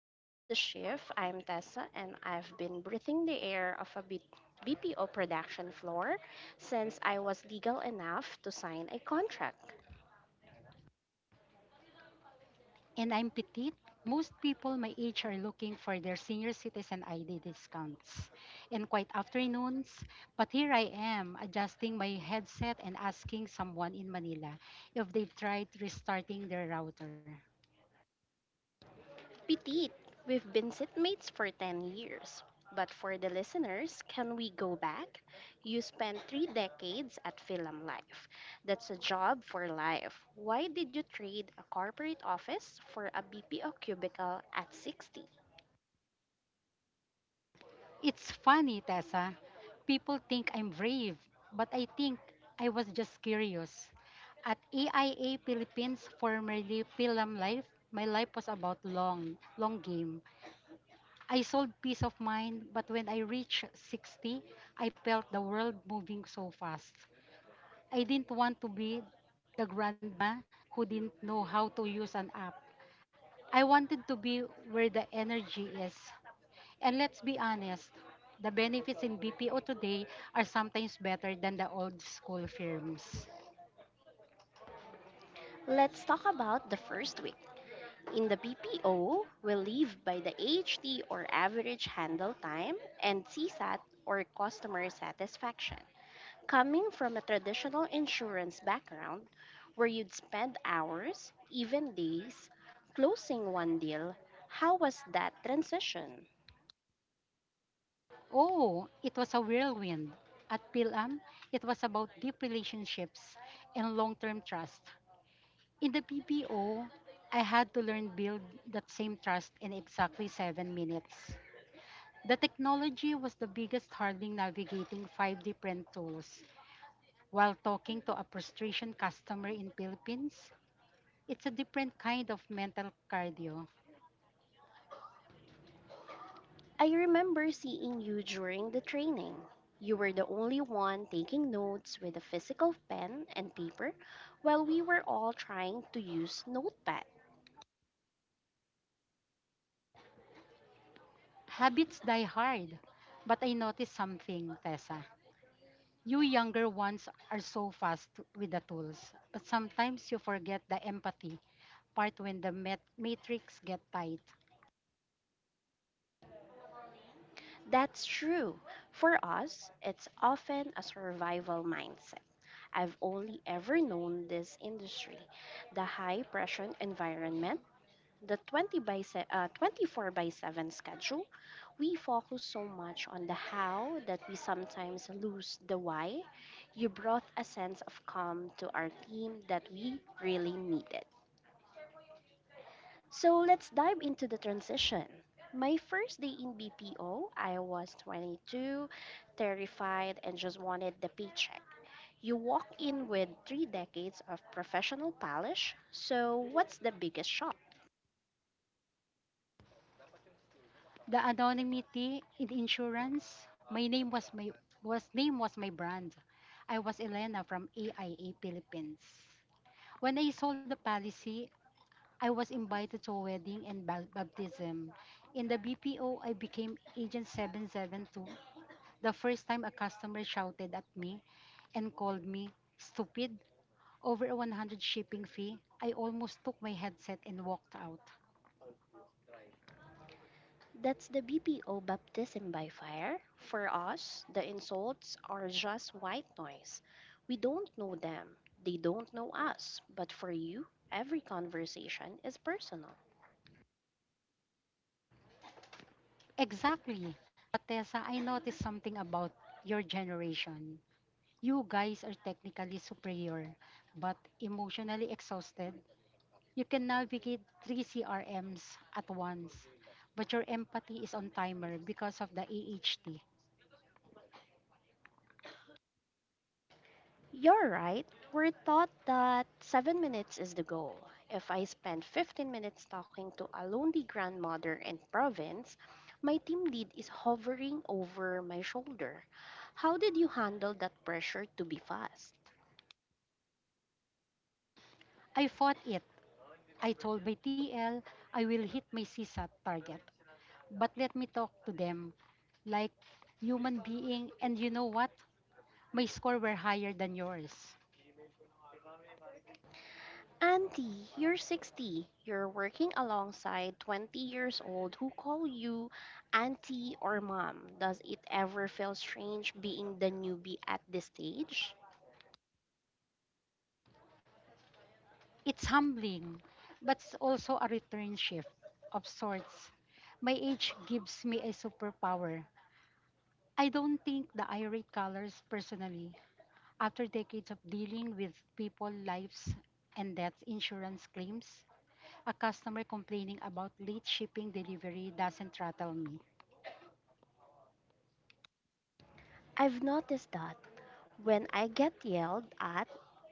Welcome to the shift. I'm Tessa, and I've been breathing the air of a BPO production floor since I was legal enough to sign a contract. And I'm petite, most people my age are looking for their senior citizen ID discounts and quiet afternoons. But here I am, adjusting my headset and asking someone in Manila if they've tried restarting their router. Petite, we've been sitmates for 10 years. But for the listeners, can we go back? You spent three decades at Film Life. That's a job for life. Why did you trade a corporate office for a BPO cubicle at 60? It's funny, Tessa. People think I'm brave, but I think I was just curious. At AIA Philippines, formerly Pilam Life, my life was about long, long game. I sold peace of mind, but when I reached 60, I felt the world moving so fast. I didn't want to be the grandma who didn't know how to use an app. I wanted to be where the energy is. And let's be honest, the benefits in BPO today are sometimes better than the old school firms. Let's talk about the first week. In the BPO, we live by the HT or average handle time and CSAT or customer satisfaction. Coming from a traditional insurance background where you'd spend hours, even days, closing one deal, how was that transition? Oh, it was a whirlwind. At PILAM, it was about deep relationships and long term trust. In the BPO, I had to learn build that same trust in exactly 7 minutes. The technology was the biggest hurdle navigating five different tools. While talking to a frustration customer in Philippines, it's a different kind of mental cardio. I remember seeing you during the training. You were the only one taking notes with a physical pen and paper while we were all trying to use Notepad. Habits die hard, but I noticed something, Tessa. You younger ones are so fast with the tools, but sometimes you forget the empathy part when the matrix get tight. That's true. For us, it's often a survival mindset. I've only ever known this industry, the high pressure environment, the 24 by 7 schedule. We focus so much on the how that we sometimes lose the why. You brought a sense of calm to our team that we really needed. So let's dive into the transition. My first day in BPO, I was 22, terrified, and just wanted the paycheck. You walk in with three decades of professional polish, so what's the biggest shock? The anonymity in insurance. My name was my was name was my brand. I was Elena from AIA Philippines. When I sold the policy, I was invited to a wedding and baptism. In the BPO, I became Agent 772. The first time a customer shouted at me and called me stupid over a 100 shipping fee, I almost took my headset and walked out. That's the BPO baptism by fire. For us, the insults are just white noise. We don't know them, they don't know us, but for you, every conversation is personal. Exactly. But Tessa, I noticed something about your generation. You guys are technically superior, but emotionally exhausted. You can navigate three CRMs at once, but your empathy is on timer because of the AHT. You're right. We're taught that 7 minutes is the goal. If I spend 15 minutes talking to a lonely grandmother in province, my team lead is hovering over my shoulder. How did you handle that pressure to be fast? I fought it. I told my TL I will hit my CSAT target, but let me talk to them like human being. And you know what? My score were higher than yours. Auntie, you're 60. You're working alongside 20 years old who call you auntie or mom. Does it ever feel strange being the newbie at this stage? It's humbling, but it's also a return shift of sorts. My age gives me a superpower. I don't think the irate colors personally. After decades of dealing with people, lives, and death insurance claims, a customer complaining about late shipping delivery doesn't rattle me. I've noticed that when I get yelled at,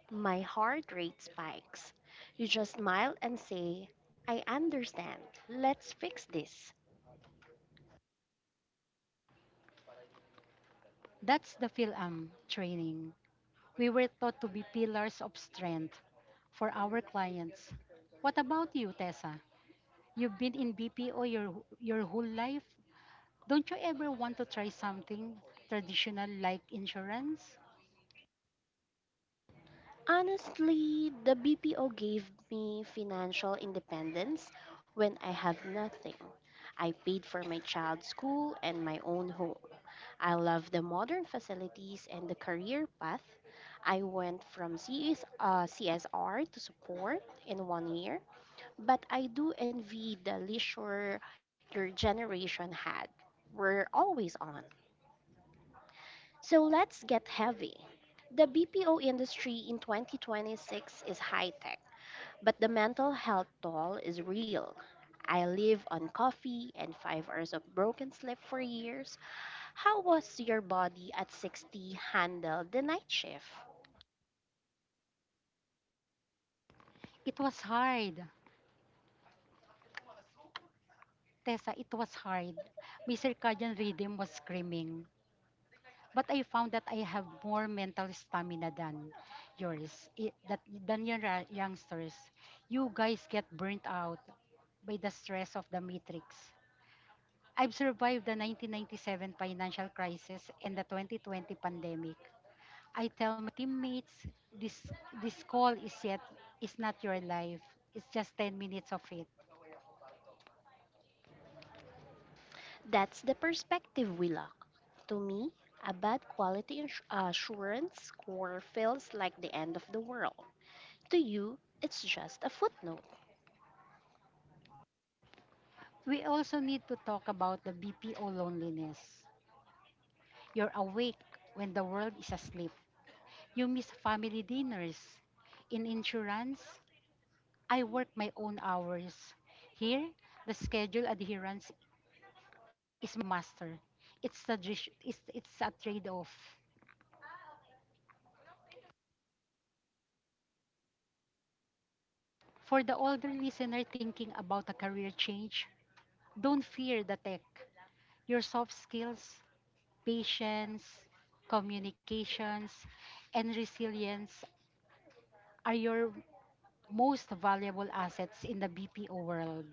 my heart rate spikes. You just smile and say, I understand. Let's fix this. That's the PhilAm training. We were taught to be pillars of strength for our clients. What about you, Tessa? You've been in BPO your whole life. Don't you ever want to try something traditional like insurance? Honestly, the BPO gave me financial independence when I have nothing. I paid for my child's school and my own home. I love the modern facilities and the career path. I went from CSR to support in 1 year, but I do envy the leisure your generation had. We're always on. So let's get heavy. The BPO industry in 2026 is high tech, but the mental health toll is real. I live on coffee and 5 hours of broken sleep for years. How was your body at 60 handle the night shift? It was hard. Tessa, it was hard. My circadian rhythm was screaming. But I found that I have more mental stamina than yours, i- that, than your youngsters. You guys get burnt out by the stress of the matrix. I've survived the 1997 financial crisis and the 2020 pandemic. I tell my teammates this this call is not your life. It's just 10 minutes of it. That's the perspective we lack. To me, a bad quality assurance score feels like the end of the world. To you, it's just a footnote. We also need to talk about the BPO loneliness. You're awake when the world is asleep. You miss family dinners. In insurance, I work my own hours. Here, the schedule adherence is my master. It's a trade off. For the older listener thinking about a career change, don't fear the tech. Your soft skills, patience, communications, and resilience are your most valuable assets in the BPO world.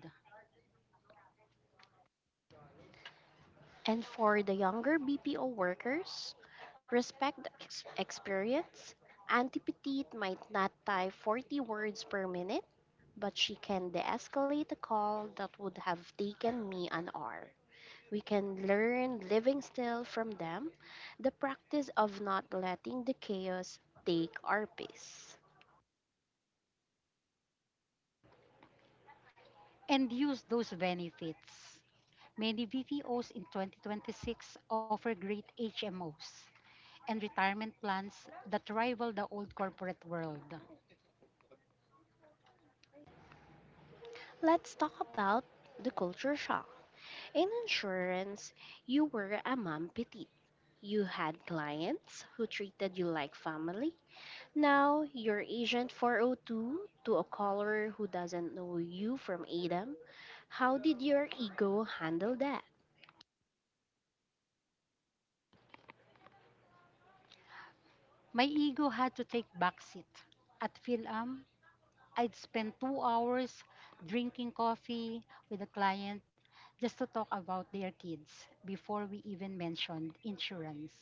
And for the younger BPO workers, respect the experience. Auntie Petite might not type 40 words per minute, but she can de escalate a call that would have taken me an hour. We can learn living still from them, the practice of not letting the chaos take our peace. And use those benefits. Many BPOs in 2026 offer great HMOs and retirement plans that rival the old corporate world. Let's talk about the culture shock. In insurance, you were a mom petite. You had clients who treated you like family. Now you're Agent 402 to a caller who doesn't know you from Adam. How did your ego handle that? My ego had to take backseat. At PhilAm, I'd spend 2 hours drinking coffee with a client just to talk about their kids before we even mentioned insurance.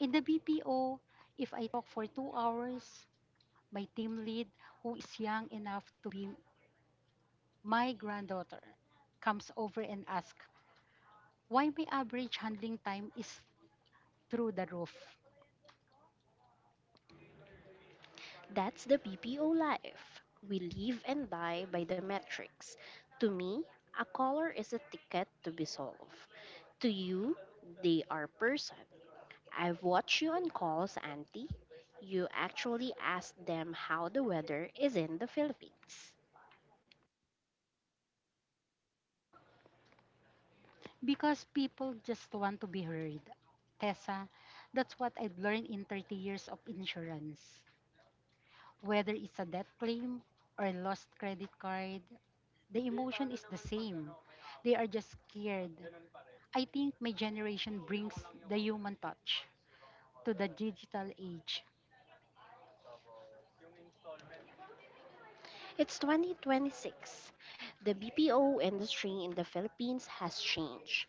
In the BPO, if I talk for 2 hours, my team lead, who is young enough to be my granddaughter, comes over and asks why my average handling time is through the roof. That's the BPO life. We live and die by the metrics. To me, a caller is a ticket to be solved. To you, they are person. I've watched you on calls, Auntie. You actually ask them how the weather is in the Philippines. Because people just want to be heard. Tessa, that's what I've learned in 30 years of insurance. Whether it's a debt claim or a lost credit card, the emotion is the same. They are just scared. I think my generation brings the human touch to the digital age. It's 2026. The BPO industry in the Philippines has changed.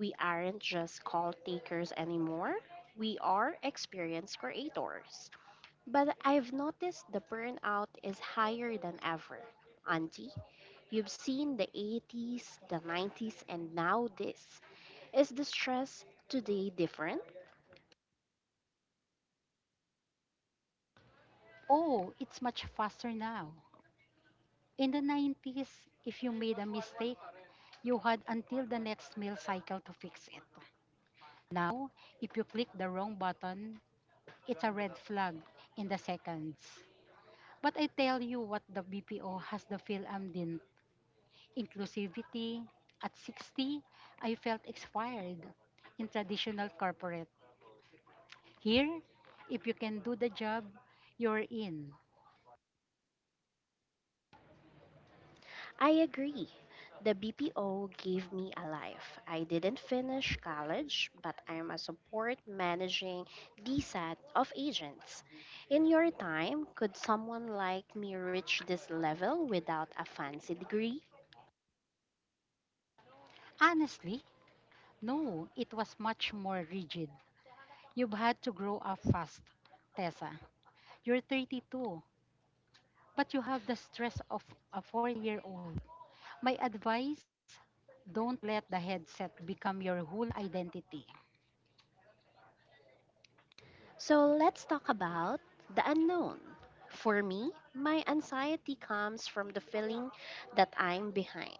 We aren't just call takers anymore, we are experienced creators. But I've noticed the burnout is higher than ever. Auntie, you've seen the 80s, the 90s, and now this. Is the stress today different? Oh, it's much faster now. In the 90s, if you made a mistake, you had until the next mail cycle to fix it. Now, if you click the wrong button, it's a red flag in the seconds. But I tell you what the BPO has the PhilAm din inclusivity. At 60, I felt expired in traditional corporate. Here, if you can do the job, you're in. I agree. The BPO gave me a life. I didn't finish college, but I'm a support managing DSAT of agents. In your time, could someone like me reach this level without a fancy degree? Honestly, no, it was much more rigid. You've had to grow up fast, Tessa. You're 32, but you have the stress of a four-year-old. My advice, don't let the headset become your whole identity. So let's talk about the unknown. For me, my anxiety comes from the feeling that I'm behind.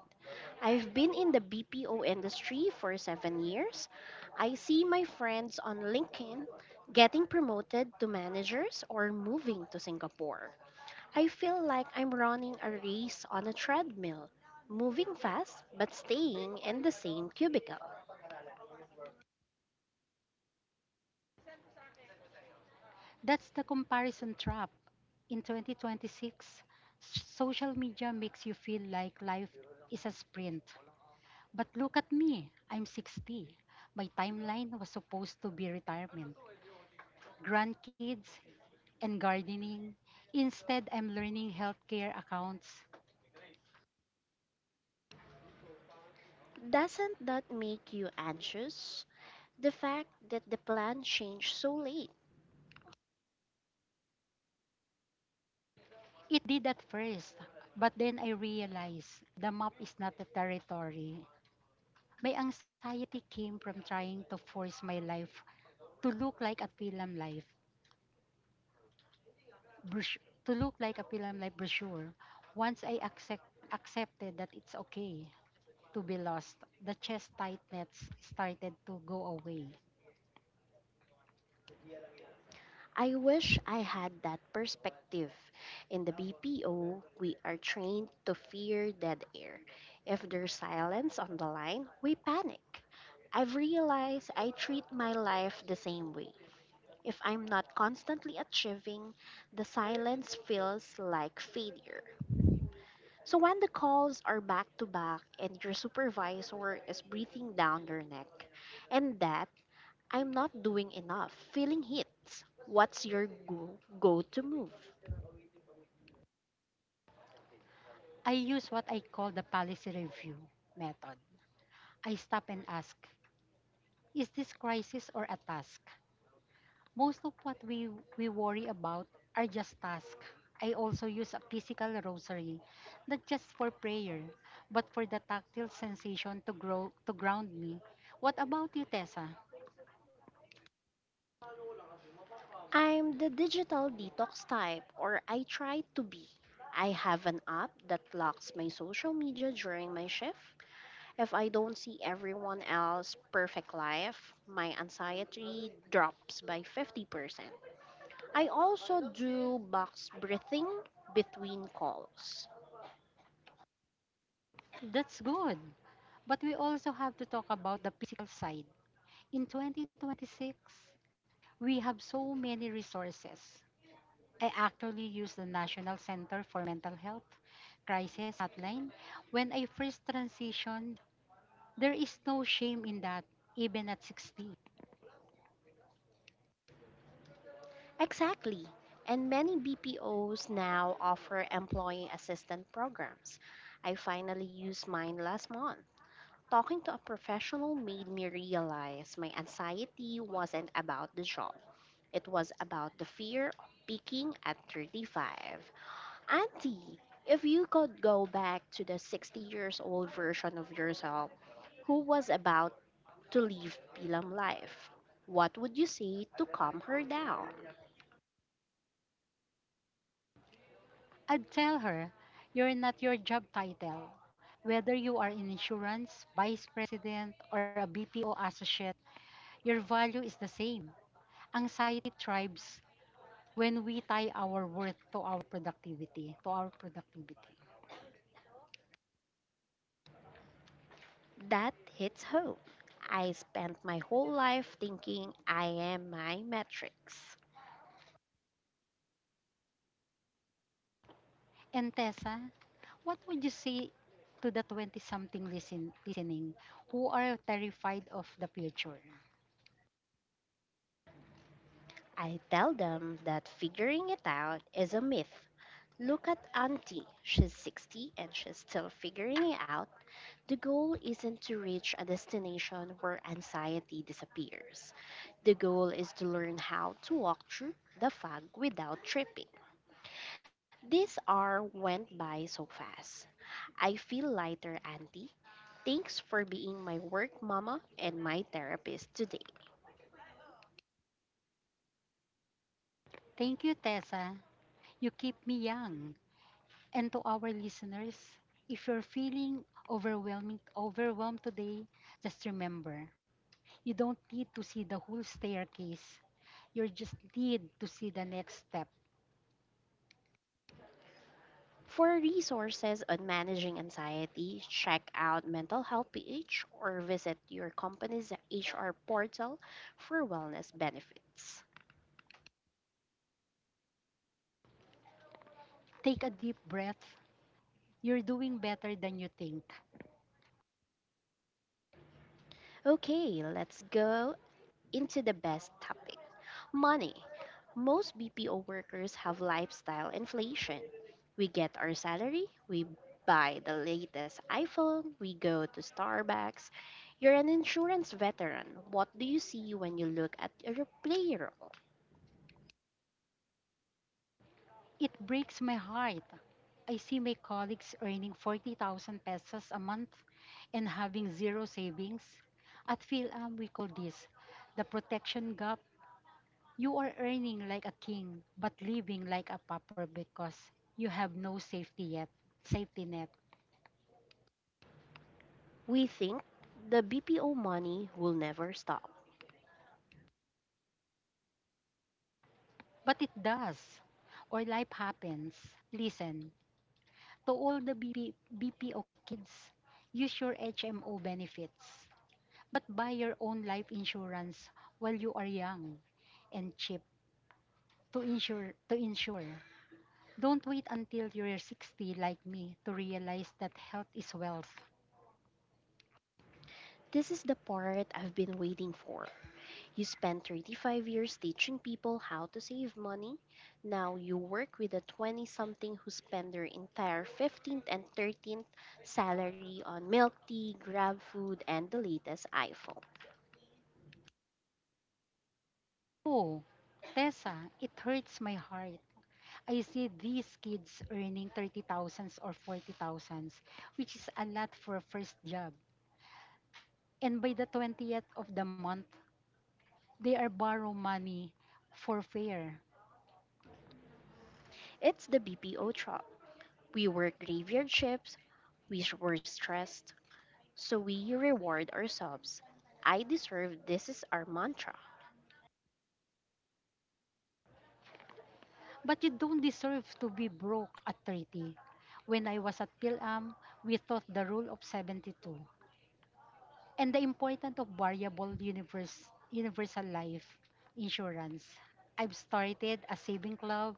I've been in the BPO industry for 7 years. I see my friends on LinkedIn getting promoted to managers or moving to Singapore. I feel like I'm running a race on a treadmill, moving fast but staying in the same cubicle. That's the comparison trap. In 2026, social media makes you feel like life is a sprint. But look at me, I'm 60. My timeline was supposed to be retirement, grandkids, and gardening. Instead, I'm learning healthcare accounts. Doesn't that make you anxious? The fact that the plan changed so late. It did at first, but then I realized the map is not the territory. My anxiety came from trying to force my life to look like a film life. brush- to look like a film like brochure. Once I accepted that it's okay to be lost, the chest tightness started to go away. I wish I had that perspective. In the BPO, we are trained to fear dead air. If there's silence on the line, we panic. I've realized I treat my life the same way. If I'm not constantly achieving, the silence feels like failure. So when the calls are back to back and your supervisor is breathing down your neck, and that I'm not doing enough, feeling hits, what's your go to move? I use what I call the policy review method. I stop and ask, is this crisis or a task? Most of what we worry about are just tasks. I also use a physical rosary, not just for prayer, but for the tactile sensation to grow to ground me. What about you, Tessa? I'm the digital detox type, or I try to be. I have an app that locks my social media during my shift. If I don't see everyone else's perfect life, my anxiety drops by 50%. I also do box breathing between calls. That's good. But we also have to talk about the physical side. In 2026, we have so many resources. I actually use the National Center for Mental Health Crisis Hotline. When I first transitioned, there is no shame in that, even at 60. Exactly. And many BPOs now offer employee assistant programs. I finally used mine last month. Talking to a professional made me realize my anxiety wasn't about the job. It was about the fear of peaking at 35. Auntie, if you could go back to the 60 years old version of yourself, who was about to live Pilam life. What would you say to calm her down? I'd tell her, you're not your job title. Whether you are in insurance, vice president, or a BPO associate, your value is the same. Anxiety thrives when we tie our worth to our productivity. That hits home. I spent my whole life thinking I am my metrics. And Tessa, what would you say to the 20-something listening who are terrified of the future? I tell them that figuring it out is a myth. Look at Auntie. She's 60 and she's still figuring it out. The goal isn't to reach a destination where anxiety disappears. The goal is to learn how to walk through the fog without tripping. This hour went by so fast. I feel lighter, Auntie. Thanks for being my work mama and my therapist today. Thank you, Tessa. You keep me young. And to our listeners, if you're feeling overwhelmed today, just remember, you don't need to see the whole staircase. You just need to see the next step. For resources on managing anxiety, check out Mental Health PH or visit your company's HR portal for wellness benefits. Take a deep breath. You're doing better than you think. Okay, let's go into the best topic. Money. Most BPO workers have lifestyle inflation. We get our salary, we buy the latest iPhone, we go to Starbucks. You're an insurance veteran. What do you see when you look at your payroll? It breaks my heart. I see my colleagues earning 40,000 pesos a month and having zero savings. At PhilAm, we call this the protection gap. You are earning like a king, but living like a pauper because you have no safety net. We think the BPO money will never stop. But it does, or life happens. Listen, to all the BPO kids, use your HMO benefits. But buy your own life insurance while you are young and cheap to insure. Don't wait until you're 60 like me to realize that health is wealth. This is the part I've been waiting for. You spent 35 years teaching people how to save money. Now you work with a 20 something who spend their entire 15th and 13th salary on milk tea, grab food, and the latest iPhone. Oh, Tessa, it hurts my heart. I see these kids earning 30,000 thousands or 40,000 thousands, which is a lot for a first job. And by the 20th of the month, they are borrow money for fare. It's the BPO job. We work graveyard shifts, we were stressed, so we reward ourselves. I deserve this is our mantra. But you don't deserve to be broke at 30. When I was at PhilAm, we taught the rule of 72 and the importance of variable universal life insurance. I've started a saving club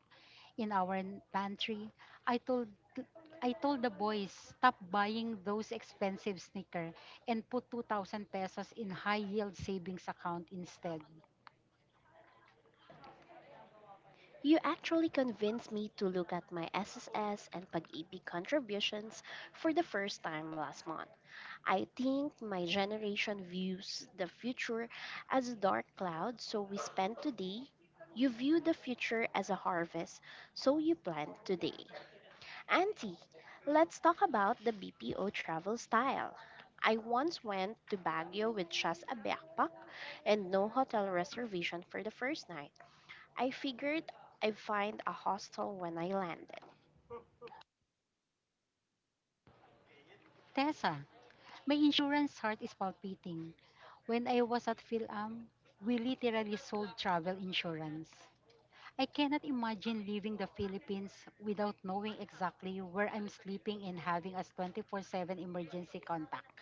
in our pantry. I told th- I told the boys stop buying those expensive sneakers and put 2,000 pesos in high yield savings account instead. You actually convinced me to look at my SSS and Pag-ibig contributions for the first time last month. I think my generation views the future as a dark cloud, so we spend today. You view the future as a harvest, so you plant today. Auntie, let's talk about the BPO travel style. I once went to Baguio with just a backpack and no hotel reservation for the first night. I figured I'd find a hostel when I landed. Tessa, my insurance heart is palpating. When I was at PhilAm, we literally sold travel insurance. I cannot imagine leaving the Philippines without knowing exactly where I'm sleeping and having us 24/7 emergency contact.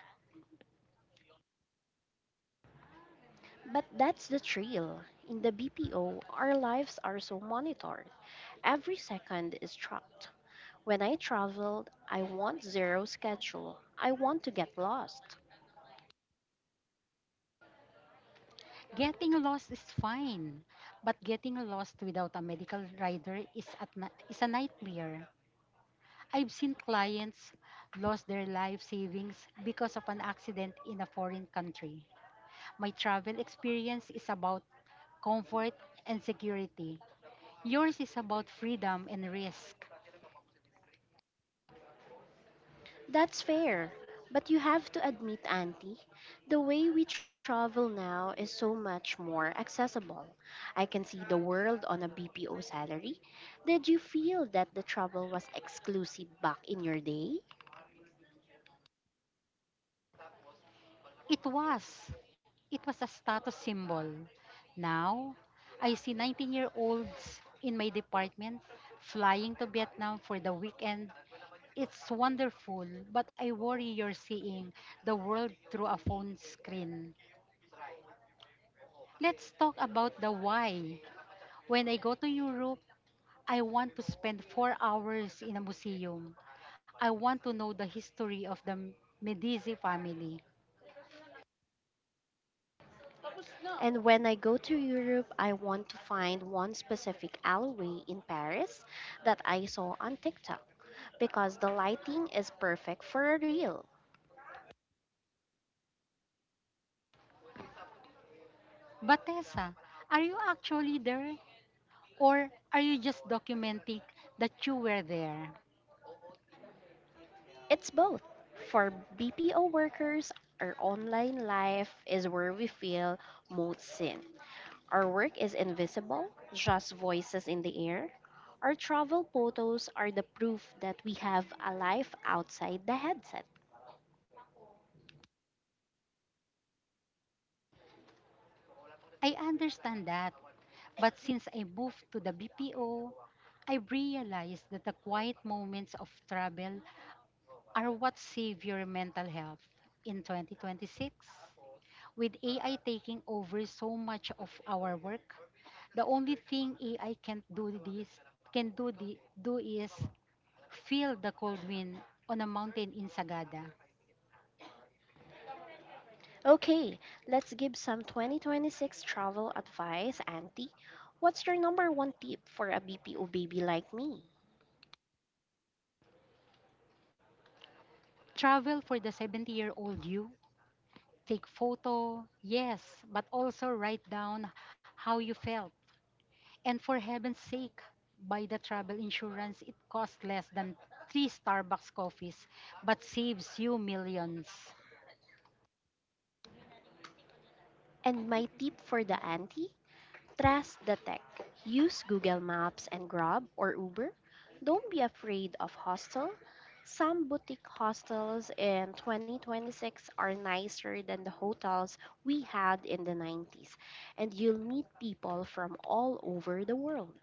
But that's the thrill. In the BPO, our lives are so monitored. Every second is tracked. When I traveled, I want zero schedule. I want to get lost. Getting lost is fine, but getting lost without a medical rider is a nightmare. I've seen clients lost their life savings because of an accident in a foreign country. My travel experience is about comfort and security. Yours is about freedom and risk. That's fair. But you have to admit, Auntie, the way we travel now is so much more accessible. I can see the world on a BPO salary. Did you feel that the travel was exclusive back in your day? It was. It was a status symbol. Now, I see 19-year-olds in my department flying to Vietnam for the weekend. It's wonderful, but I worry you're seeing the world through a phone screen. Let's talk about the why. When I go to Europe, I want to spend 4 hours in a museum. I want to know the history of the Medici family. And when I go to Europe, I want to find one specific alleyway in Paris that I saw on TikTok because the lighting is perfect for a reel. But Tessa, are you actually there? Or are you just documenting that you were there? It's both. For BPO workers, our online life is where we feel most seen. Our work is invisible, just voices in the air. Our travel photos are the proof that we have a life outside the headset. I understand that. But since I moved to the BPO, I realized that the quiet moments of travel are what save your mental health in 2026. With AI taking over so much of our work, the only thing AI can't do this can do the, do is feel the cold wind on a mountain in Sagada. Okay, let's give some 2026 travel advice, Auntie. What's your number one tip for a BPO baby like me? Travel for the 70-year-old you, take photo, yes, but also write down how you felt. And for heaven's sake, buy the travel insurance. It costs less than 3 Starbucks coffees but saves you millions. And my tip for the auntie? Trust the tech. Use Google Maps and Grab or Uber. Don't be afraid of hostel. Some boutique hostels in 2026 are nicer than the hotels we had in the 90s, and you'll meet people from all over the world.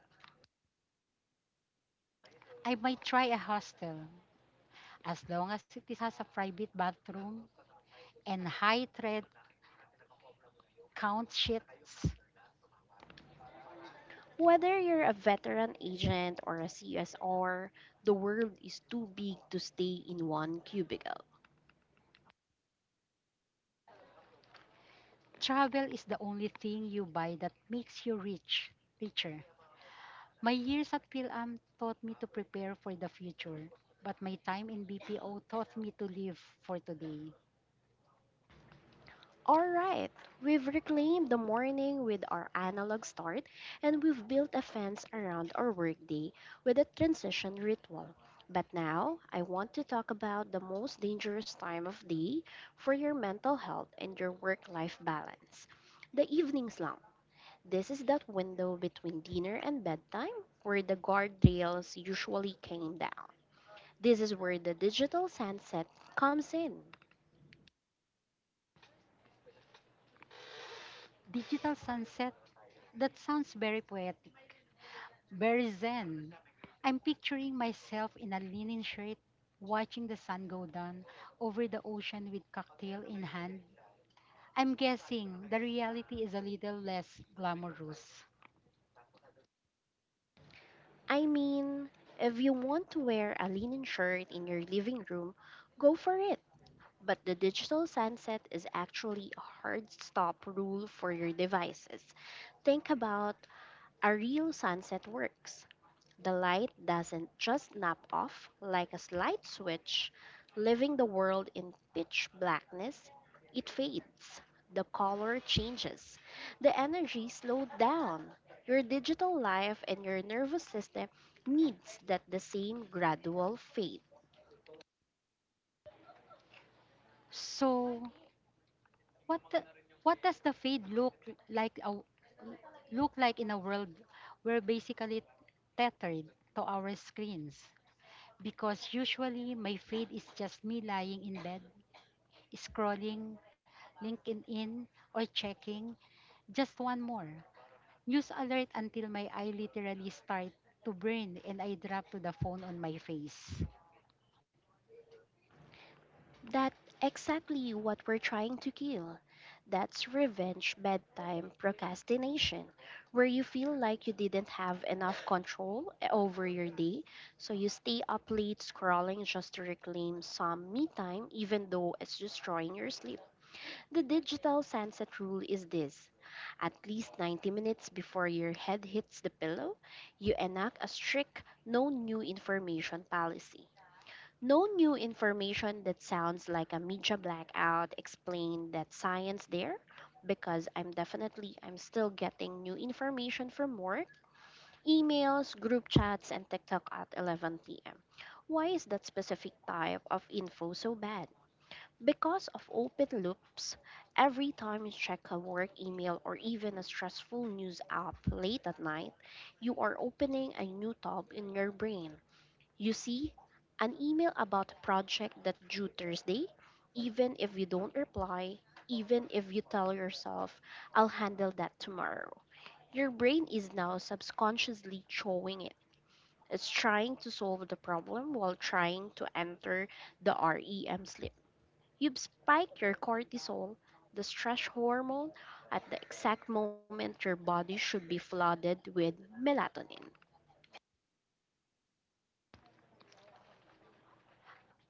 I might try a hostel as long as has a private bathroom and high thread count sheets. Whether you're a veteran agent or a CSR, the world is too big to stay in one cubicle. Travel is the only thing you buy that makes you richer. My years at PhilAm taught me to prepare for the future, but my time in BPO taught me to live for today. Alright, we've reclaimed the morning with our analog start and we've built a fence around our workday with a transition ritual. But now, I want to talk about the most dangerous time of day for your mental health and your work life balance, the evening slump. This is that window between dinner and bedtime where the guardrails usually came down. This is where the digital sunset comes in. Digital sunset? That sounds very poetic, very zen. I'm picturing myself in a linen shirt, watching the sun go down over the ocean with cocktail in hand. I'm guessing the reality is a little less glamorous. I mean, if you want to wear a linen shirt in your living room, go for it. But the digital sunset is actually a hard stop rule for your devices. Think about a real sunset works. The light doesn't just snap off like a light switch, leaving the world in pitch blackness. It fades. The color changes. The energy slows down. Your digital life and your nervous system needs that the same gradual fade. So, what the, what does the fade like a, look like in a world we're basically tethered to our screens? Because usually my fade is just me lying in bed, scrolling LinkedIn or checking just one more news alert until my eye literally start to burn and I drop to the phone on my face. That's exactly what we're trying to kill. That's revenge bedtime procrastination, where you feel like you didn't have enough control over your day, so you stay up late scrolling just to reclaim some me time, even though it's destroying your sleep. The digital sunset rule is this: at least 90 minutes before your head hits the pillow, you enact a strict no new information policy. No new information? That sounds like a media blackout. Explained that science there, because I'm still getting new information from work, emails, group chats, and TikTok at 11 p.m. Why is that specific type of info so bad? Because of open loops. Every time you check a work email or even a stressful news app late at night, you are opening a new tab in your brain. You see an email about a project that's due Thursday, even if you don't reply, even if you tell yourself, I'll handle that tomorrow. Your brain is now subconsciously showing it. It's trying to solve the problem while trying to enter the REM sleep. You've spiked your cortisol, the stress hormone, at the exact moment your body should be flooded with melatonin.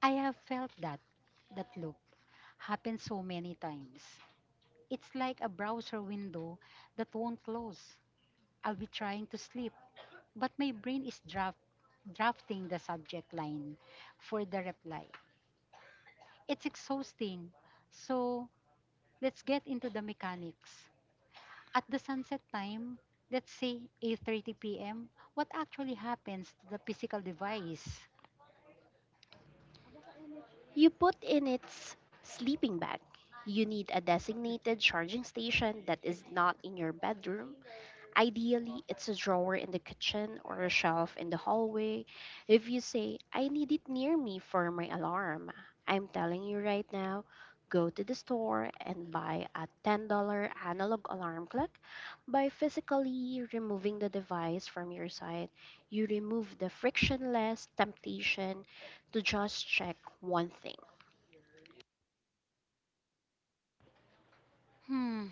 I have felt that loop happen so many times. It's like a browser window that won't close. I'll be trying to sleep, but my brain is drafting the subject line for the reply. It's exhausting. So, let's get into the mechanics. At the sunset time, let's say 8:30 p.m., what actually happens to the physical device? You put in its sleeping bag. You need a designated charging station that is not in your bedroom. Ideally, it's a drawer in the kitchen or a shelf in the hallway. If you say, I need it near me for my alarm, I'm telling you right now, go to the store and buy a $10 analog alarm clock. By physically removing the device from your side, you remove the frictionless temptation to just check one thing. Hmm,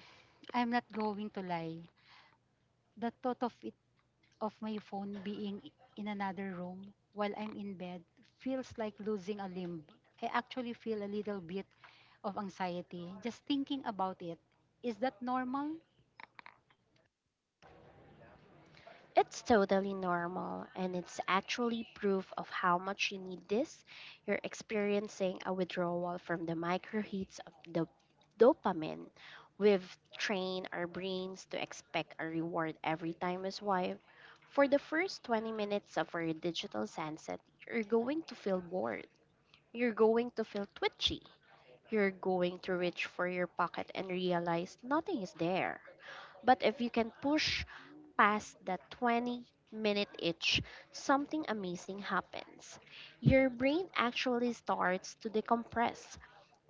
I'm not going to lie. The thought of my phone being in another room while I'm in bed feels like losing a limb. I actually feel a little bit of anxiety just thinking about it. Is that normal? It's totally normal, and it's actually proof of how much you need this. You're experiencing a withdrawal from the microhits of the dopamine. We've trained our brains to expect a reward every time we swipe. For the first 20 minutes of our digital sunset, you're going to feel bored. You're going to feel twitchy. You're going to reach for your pocket and realize nothing is there. But if you can push past that 20-minute itch, something amazing happens. Your brain actually starts to decompress.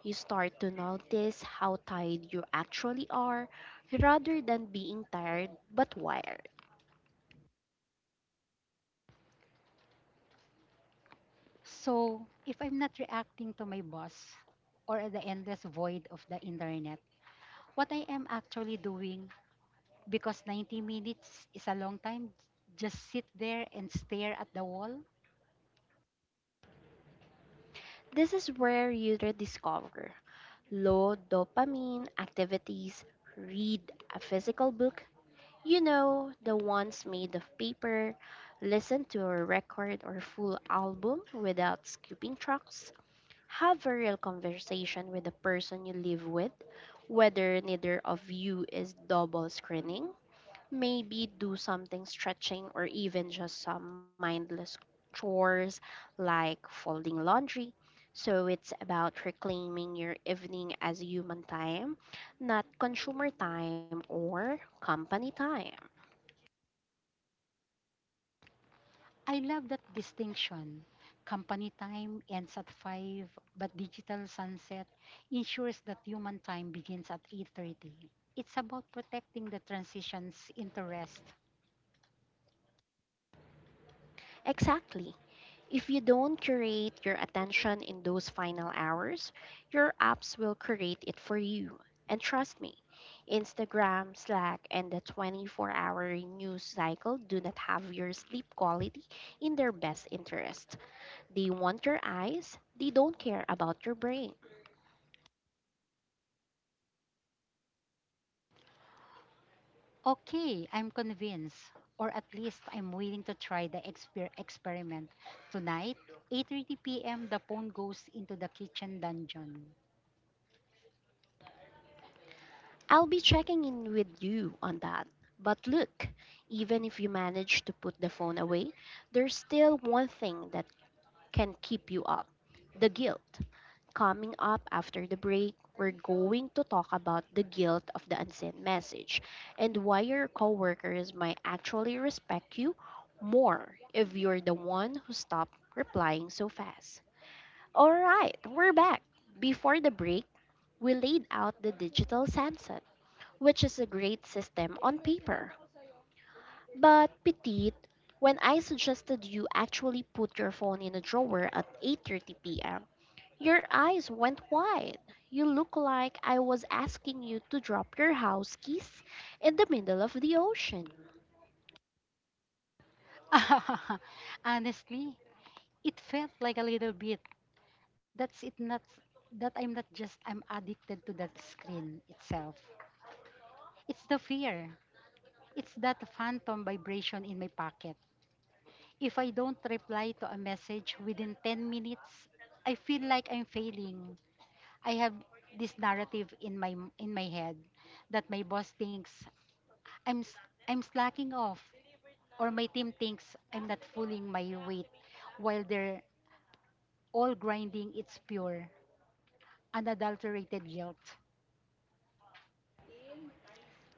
You start to notice how tired you actually are rather than being tired but wired. So, if I'm not reacting to my boss or the endless void of the internet, what I am actually doing, because 90 minutes is a long time, just sit there and stare at the wall. This is where you rediscover low dopamine activities. Read a physical book, you know, the ones made of paper. Listen to a record or full album without skipping tracks. Have a real conversation with the person you live with, whether neither of you is double screening. Maybe do something stretching or even just some mindless chores like folding laundry. So it's about reclaiming your evening as human time, not consumer time or company time. I love that distinction. Company time ends at 5, but digital sunset ensures that human time begins at 8:30. It's about protecting the transitions into rest. Exactly. If you don't curate your attention in those final hours, your apps will curate it for you. And trust me, Instagram, Slack, and the 24-hour news cycle do not have your sleep quality in their best interest. They want your eyes, they don't care about your brain. Okay, I'm convinced, or at least I'm willing to try the experiment. Tonight, 8:30 p.m., the phone goes into the kitchen dungeon. I'll be checking in with you on that. But look, even if you manage to put the phone away, there's still one thing that can keep you up: the guilt. Coming up after the break, we're going to talk about the guilt of the unsent message and why your coworkers might actually respect you more if you're the one who stopped replying so fast. All right, we're back. Before the break, we laid out the digital sunset, which is a great system on paper. But Petit, when I suggested you actually put your phone in a drawer at 8:30 p.m., your eyes went wide. You look like I was asking you to drop your house keys in the middle of the ocean. Honestly, it felt like a little bit that's it not that I'm not just I'm addicted to the screen itself. It's the fear, it's that phantom vibration in my pocket. If I don't reply to a message within 10 minutes, I feel like I'm failing. I have this narrative in my head that my boss thinks i'm s- I'm slacking off, or my team thinks I'm not fooling my weight while they're all grinding. Its pure unadulterated guilt.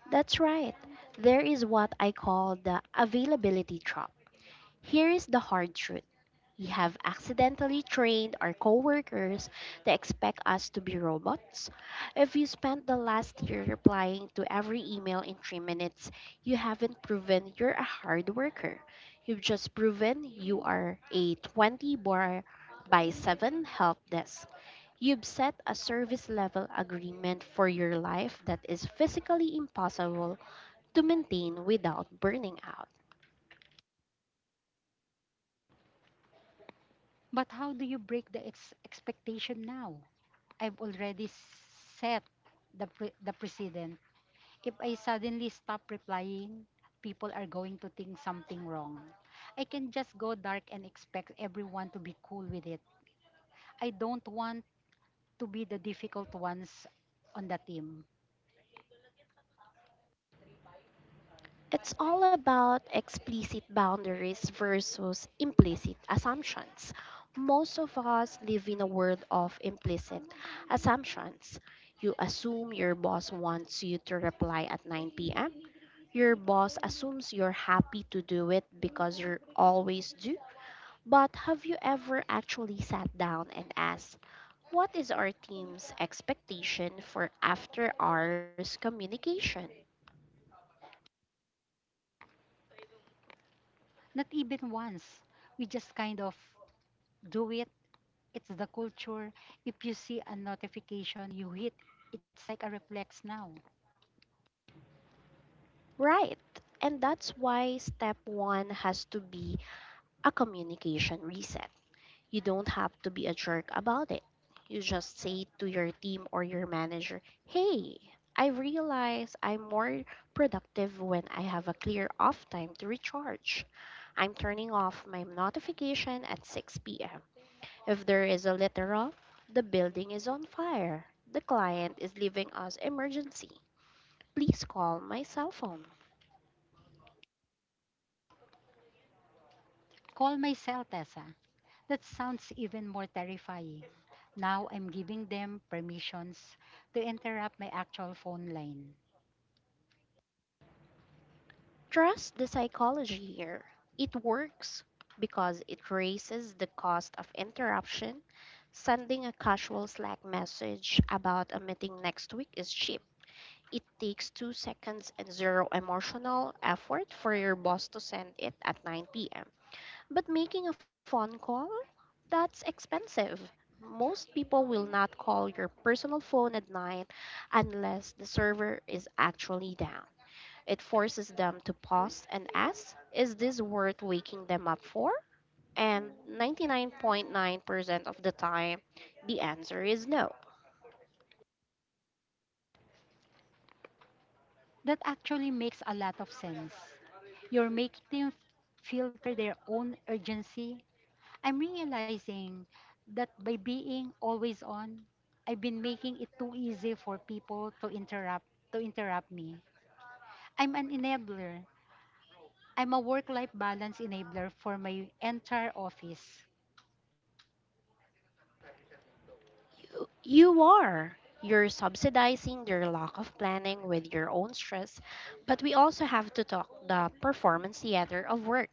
That's right. There is what I call the availability trap. Here is the hard truth. We have accidentally trained our coworkers to expect us to be robots. If you spent the last year replying to every email in 3 minutes, you haven't proven you're a hard worker. You've just proven you are a 20 bar by 7 help desk. You've set a service level agreement for your life that is physically impossible to maintain without burning out. But how do you break the expectation now? I've already set the precedent. If I suddenly stop replying, people are going to think something wrong. I can just go dark and expect everyone to be cool with it. I don't want to be the difficult ones on the team. It's all about explicit boundaries versus implicit assumptions. Most of us live in a world of implicit assumptions. You assume your boss wants you to reply at 9 p.m. Your boss assumes you're happy to do it because you always do. But have you ever actually sat down and asked, what is our team's expectation for after hours communication? Not even once. We just kind of do it. It's the culture. If you see a notification, you hit. It's like a reflex now. Right. And that's why step one has to be a communication reset. You don't have to be a jerk about it. You just say to your team or your manager, hey, I realize I'm more productive when I have a clear off time to recharge. I'm turning off my notification at 6 p.m. If there is a literal, the building is on fire, the client is leaving us emergency, please call my cell phone. Call myself Tessa. That sounds even more terrifying. Now I'm giving them permissions to interrupt my actual phone line. Trust the psychology here. It works because it raises the cost of interruption. Sending a casual Slack message about a meeting next week is cheap. It takes 2 seconds and zero emotional effort for your boss to send it at 9 p.m. But making a phone call? That's expensive. Most people will not call your personal phone at night unless the server is actually down. It forces them to pause and ask, is this worth waking them up for? And 99.9% of the time, the answer is no. That actually makes a lot of sense. You're making them filter their own urgency. I'm realizing that by being always on, I've been making it too easy for people to interrupt me. I'm an enabler. I'm a work-life balance enabler for my entire office. You are. You're subsidizing their lack of planning with your own stress, but we also have to talk the performance theater of work.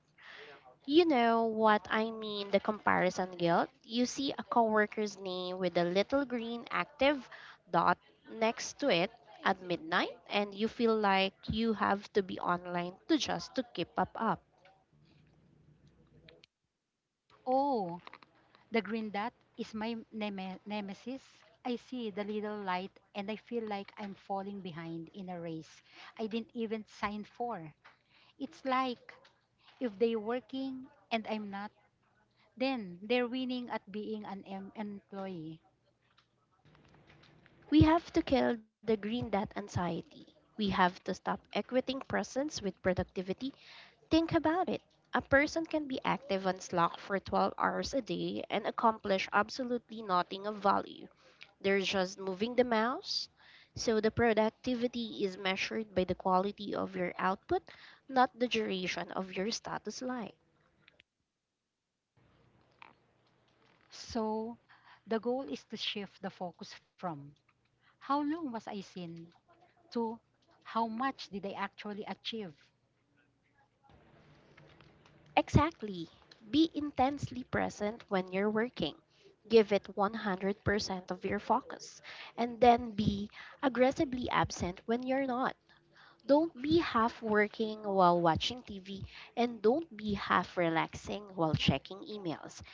You know what I mean, the comparison guilt. You see a coworker's name with a little green active dot next to it at midnight and you feel like you have to be online to just to keep up. Oh, the green dot is my nemesis. I see the little light and I feel like I'm falling behind in a race I didn't even sign for. It's like if they're working and I'm not, then they're winning at being an employee. We have to kill the green dot anxiety. We have to stop equating presence with productivity. Think about it. A person can be active on Slack for 12 hours a day and accomplish absolutely nothing of value. They're just moving the mouse. So the productivity is measured by the quality of your output, not the duration of your status line. So the goal is to shift the focus from how long was I seen to how much did I actually achieve? Exactly. Be intensely present when you're working. Give it 100% of your focus. And then be aggressively absent when you're not. Don't be half working while watching TV and don't be half relaxing while checking emails.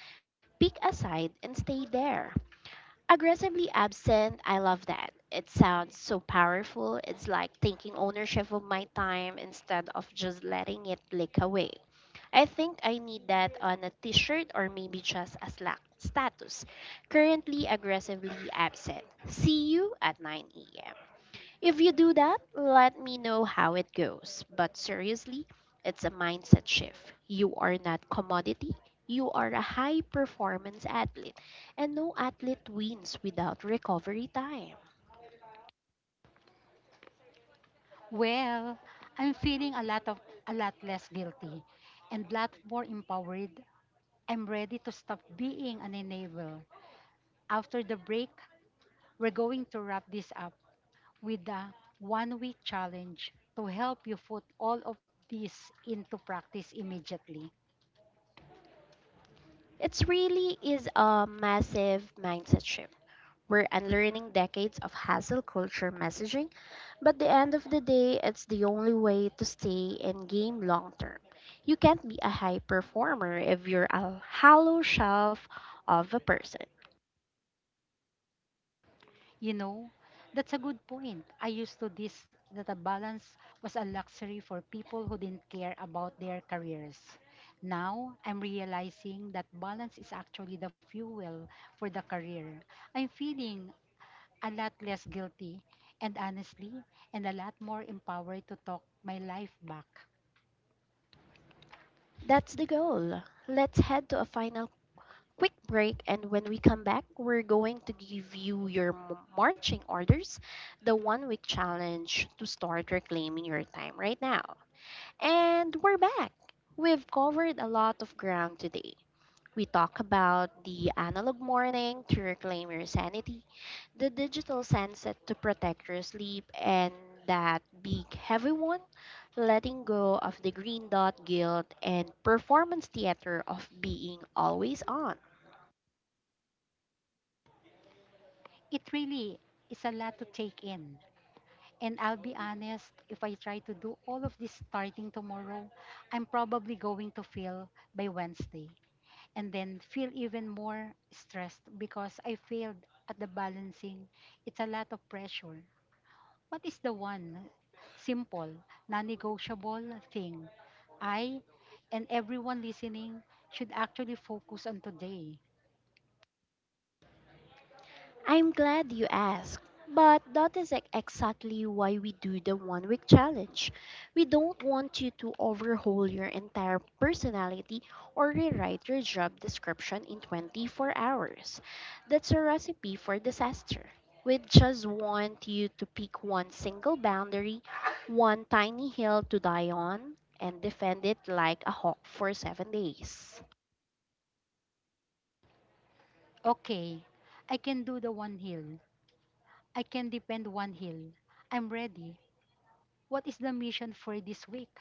Pick a side and stay there. Aggressively absent, I love that. It sounds so powerful. It's like taking ownership of my time instead of just letting it leak away. I think I need that on a t shirt, or maybe just a Slack status. Currently aggressively absent. See you at 9 a.m. If you do that, let me know how it goes. But seriously, it's a mindset shift. You are not commodity, you are a high performance athlete, and no athlete wins without recovery time. Well, I'm feeling a lot less guilty and lot more empowered. I'm ready to stop being an enabler. After the break, we're going to wrap this up with the 1-week challenge to help you put all of this into practice immediately. It really is a massive mindset shift. We're unlearning decades of hassle culture messaging, but the end of the day, it's the only way to stay in game long term. You can't be a high performer if you're a hollow shelf of a person. You know, that's a good point. I used to this that a balance was a luxury for people who didn't care about their careers. Now, I'm realizing that balance is actually the fuel for the career. I'm feeling a lot less guilty and honestly, and a lot more empowered to talk my life back. That's the goal. Let's head to a final quick break, and when we come back, we're going to give you your marching orders, the 1 week challenge to start reclaiming your time right now. And we're back. We've covered a lot of ground today. We talk about the analog morning to reclaim your sanity, the digital sunset to protect your sleep, and that big heavy one, letting go of the green dot guilt and performance theater of being always on. It really is a lot to take in. And I'll be honest, if I try to do all of this starting tomorrow, I'm probably going to fail by Wednesday and then feel even more stressed because I failed at the balancing. It's a lot of pressure. What is the one simple, non negotiable thing I and everyone listening should actually focus on today? I'm glad you asked, but that is exactly why we do the 1 week challenge. We don't want you to overhaul your entire personality or rewrite your job description in 24 hours. That's a recipe for disaster. We just want you to pick one single boundary, one tiny hill to die on, and defend it like a hawk for 7 days. Okay, I can do the one hill. I can depend one hill. I'm ready. What is the mission for this week?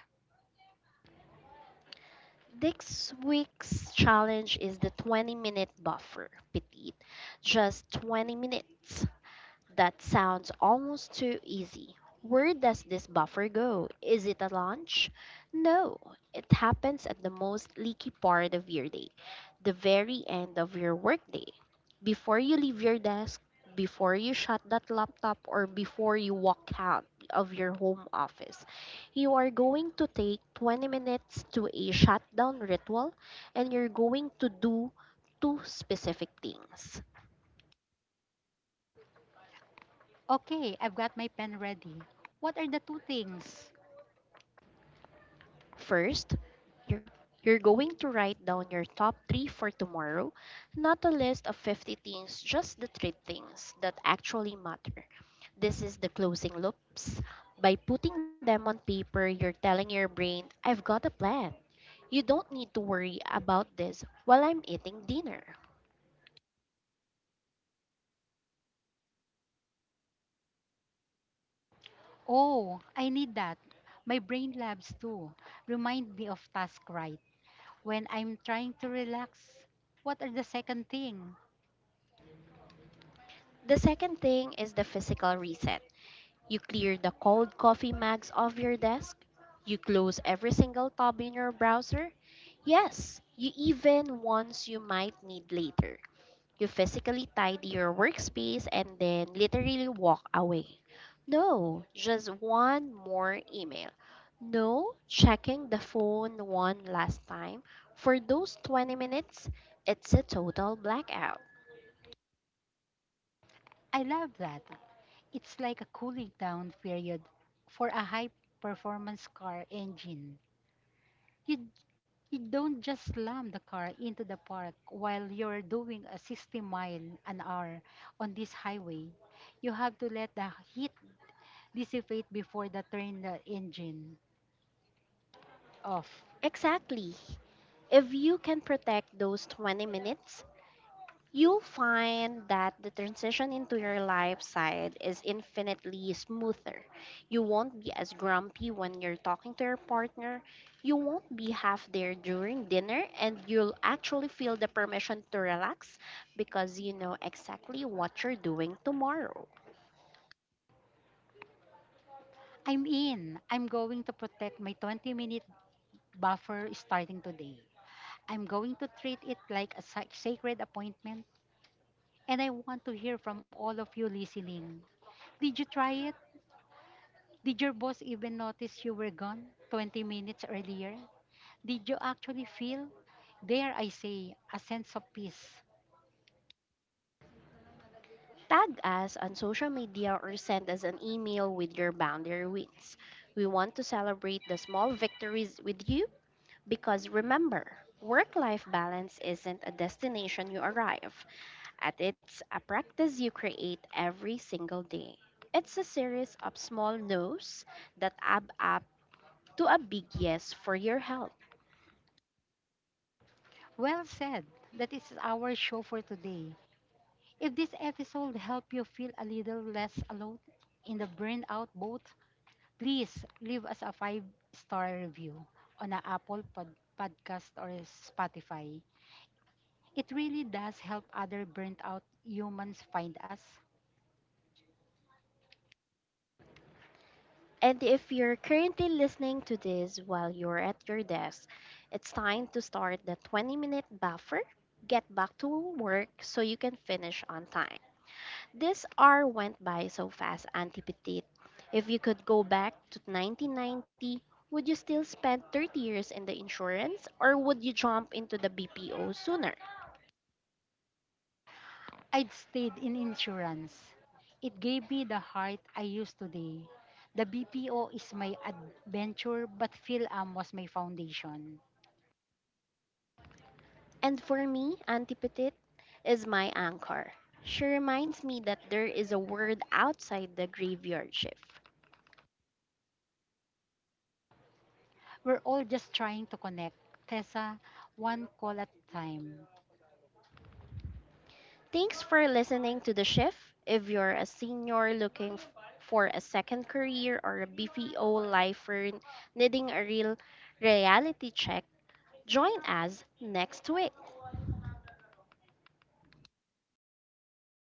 This week's challenge is the 20-minute buffer, petite. Just 20 minutes. That sounds almost too easy. Where does this buffer go? Is it a lunch? No, it happens at the most leaky part of your day, the very end of your workday. Before you leave your desk, before you shut that laptop, or before you walk out of your home office, you are going to take 20 minutes to a shutdown ritual and you're going to do two specific things. Okay, I've got my pen ready. What are the two things? First, you're, you're going to write down your top three for tomorrow, not a list of 50 things, just the three things that actually matter. This is the closing loops. By putting them on paper, you're telling your brain, I've got a plan. You don't need to worry about this while I'm eating dinner. Oh, I need that. My brain labs too. Remind me of task right. When I'm trying to relax, what are the second thing? The second thing is the physical reset. You clear the cold coffee mugs off your desk. You close every single tab in your browser. Yes, you even ones you might need later. You physically tidy your workspace and then literally walk away. No just one more email. No checking the phone one last time. For those 20 minutes, it's a total blackout. I love that. It's like a cooling down period for a high performance car engine. You you don't just slam the car into the park while you're doing a 60-mile an hour on this highway. You have to let the heat dissipate before the turn the engine off. Exactly. If you can protect those 20 minutes, you'll find that the transition into your life side is infinitely smoother. You won't be as grumpy when you're talking to your partner. You won't be half there during dinner, and you'll actually feel the permission to relax because you know exactly what you're doing tomorrow. I'm in. I'm going to protect my 20-minute buffer starting today. I'm going to treat it like a sacred appointment and I want to hear from all of you listening. Did you try it? Did your boss even notice you were gone 20 minutes earlier? Did you actually feel, dare I say, a sense of peace? Tag us on social media or send us an email with your boundary wins. We want to celebrate the small victories with you. Because remember, work life balance isn't a destination you arrive at, it's a practice you create every single day. It's a series of small no's that add up to a big yes for your health. Well said. That is our show for today. If this episode helped you feel a little less alone in the burnout boat, please leave us a 5-star review on a Apple podcast or Spotify. It really does help other burnt out humans find us. And if you're currently listening to this while you're at your desk, it's time to start the 20-minute buffer. Get back to work so you can finish on time. This hour went by so fast, Auntie Petite. If you could go back to 1990, would you still spend 30 years in the insurance or would you jump into the BPO sooner? I'd stayed in insurance. It gave me the heart I use today. The BPO is my adventure, but PhilAm was my foundation. And for me, Auntie Petite is my anchor. She reminds me that there is a world outside the graveyard shift. We're all just trying to connect. Tessa, one call at a time. Thanks for listening to The Shift. If you're a senior looking for a second career or a BPO lifer needing a real reality check, join us next week.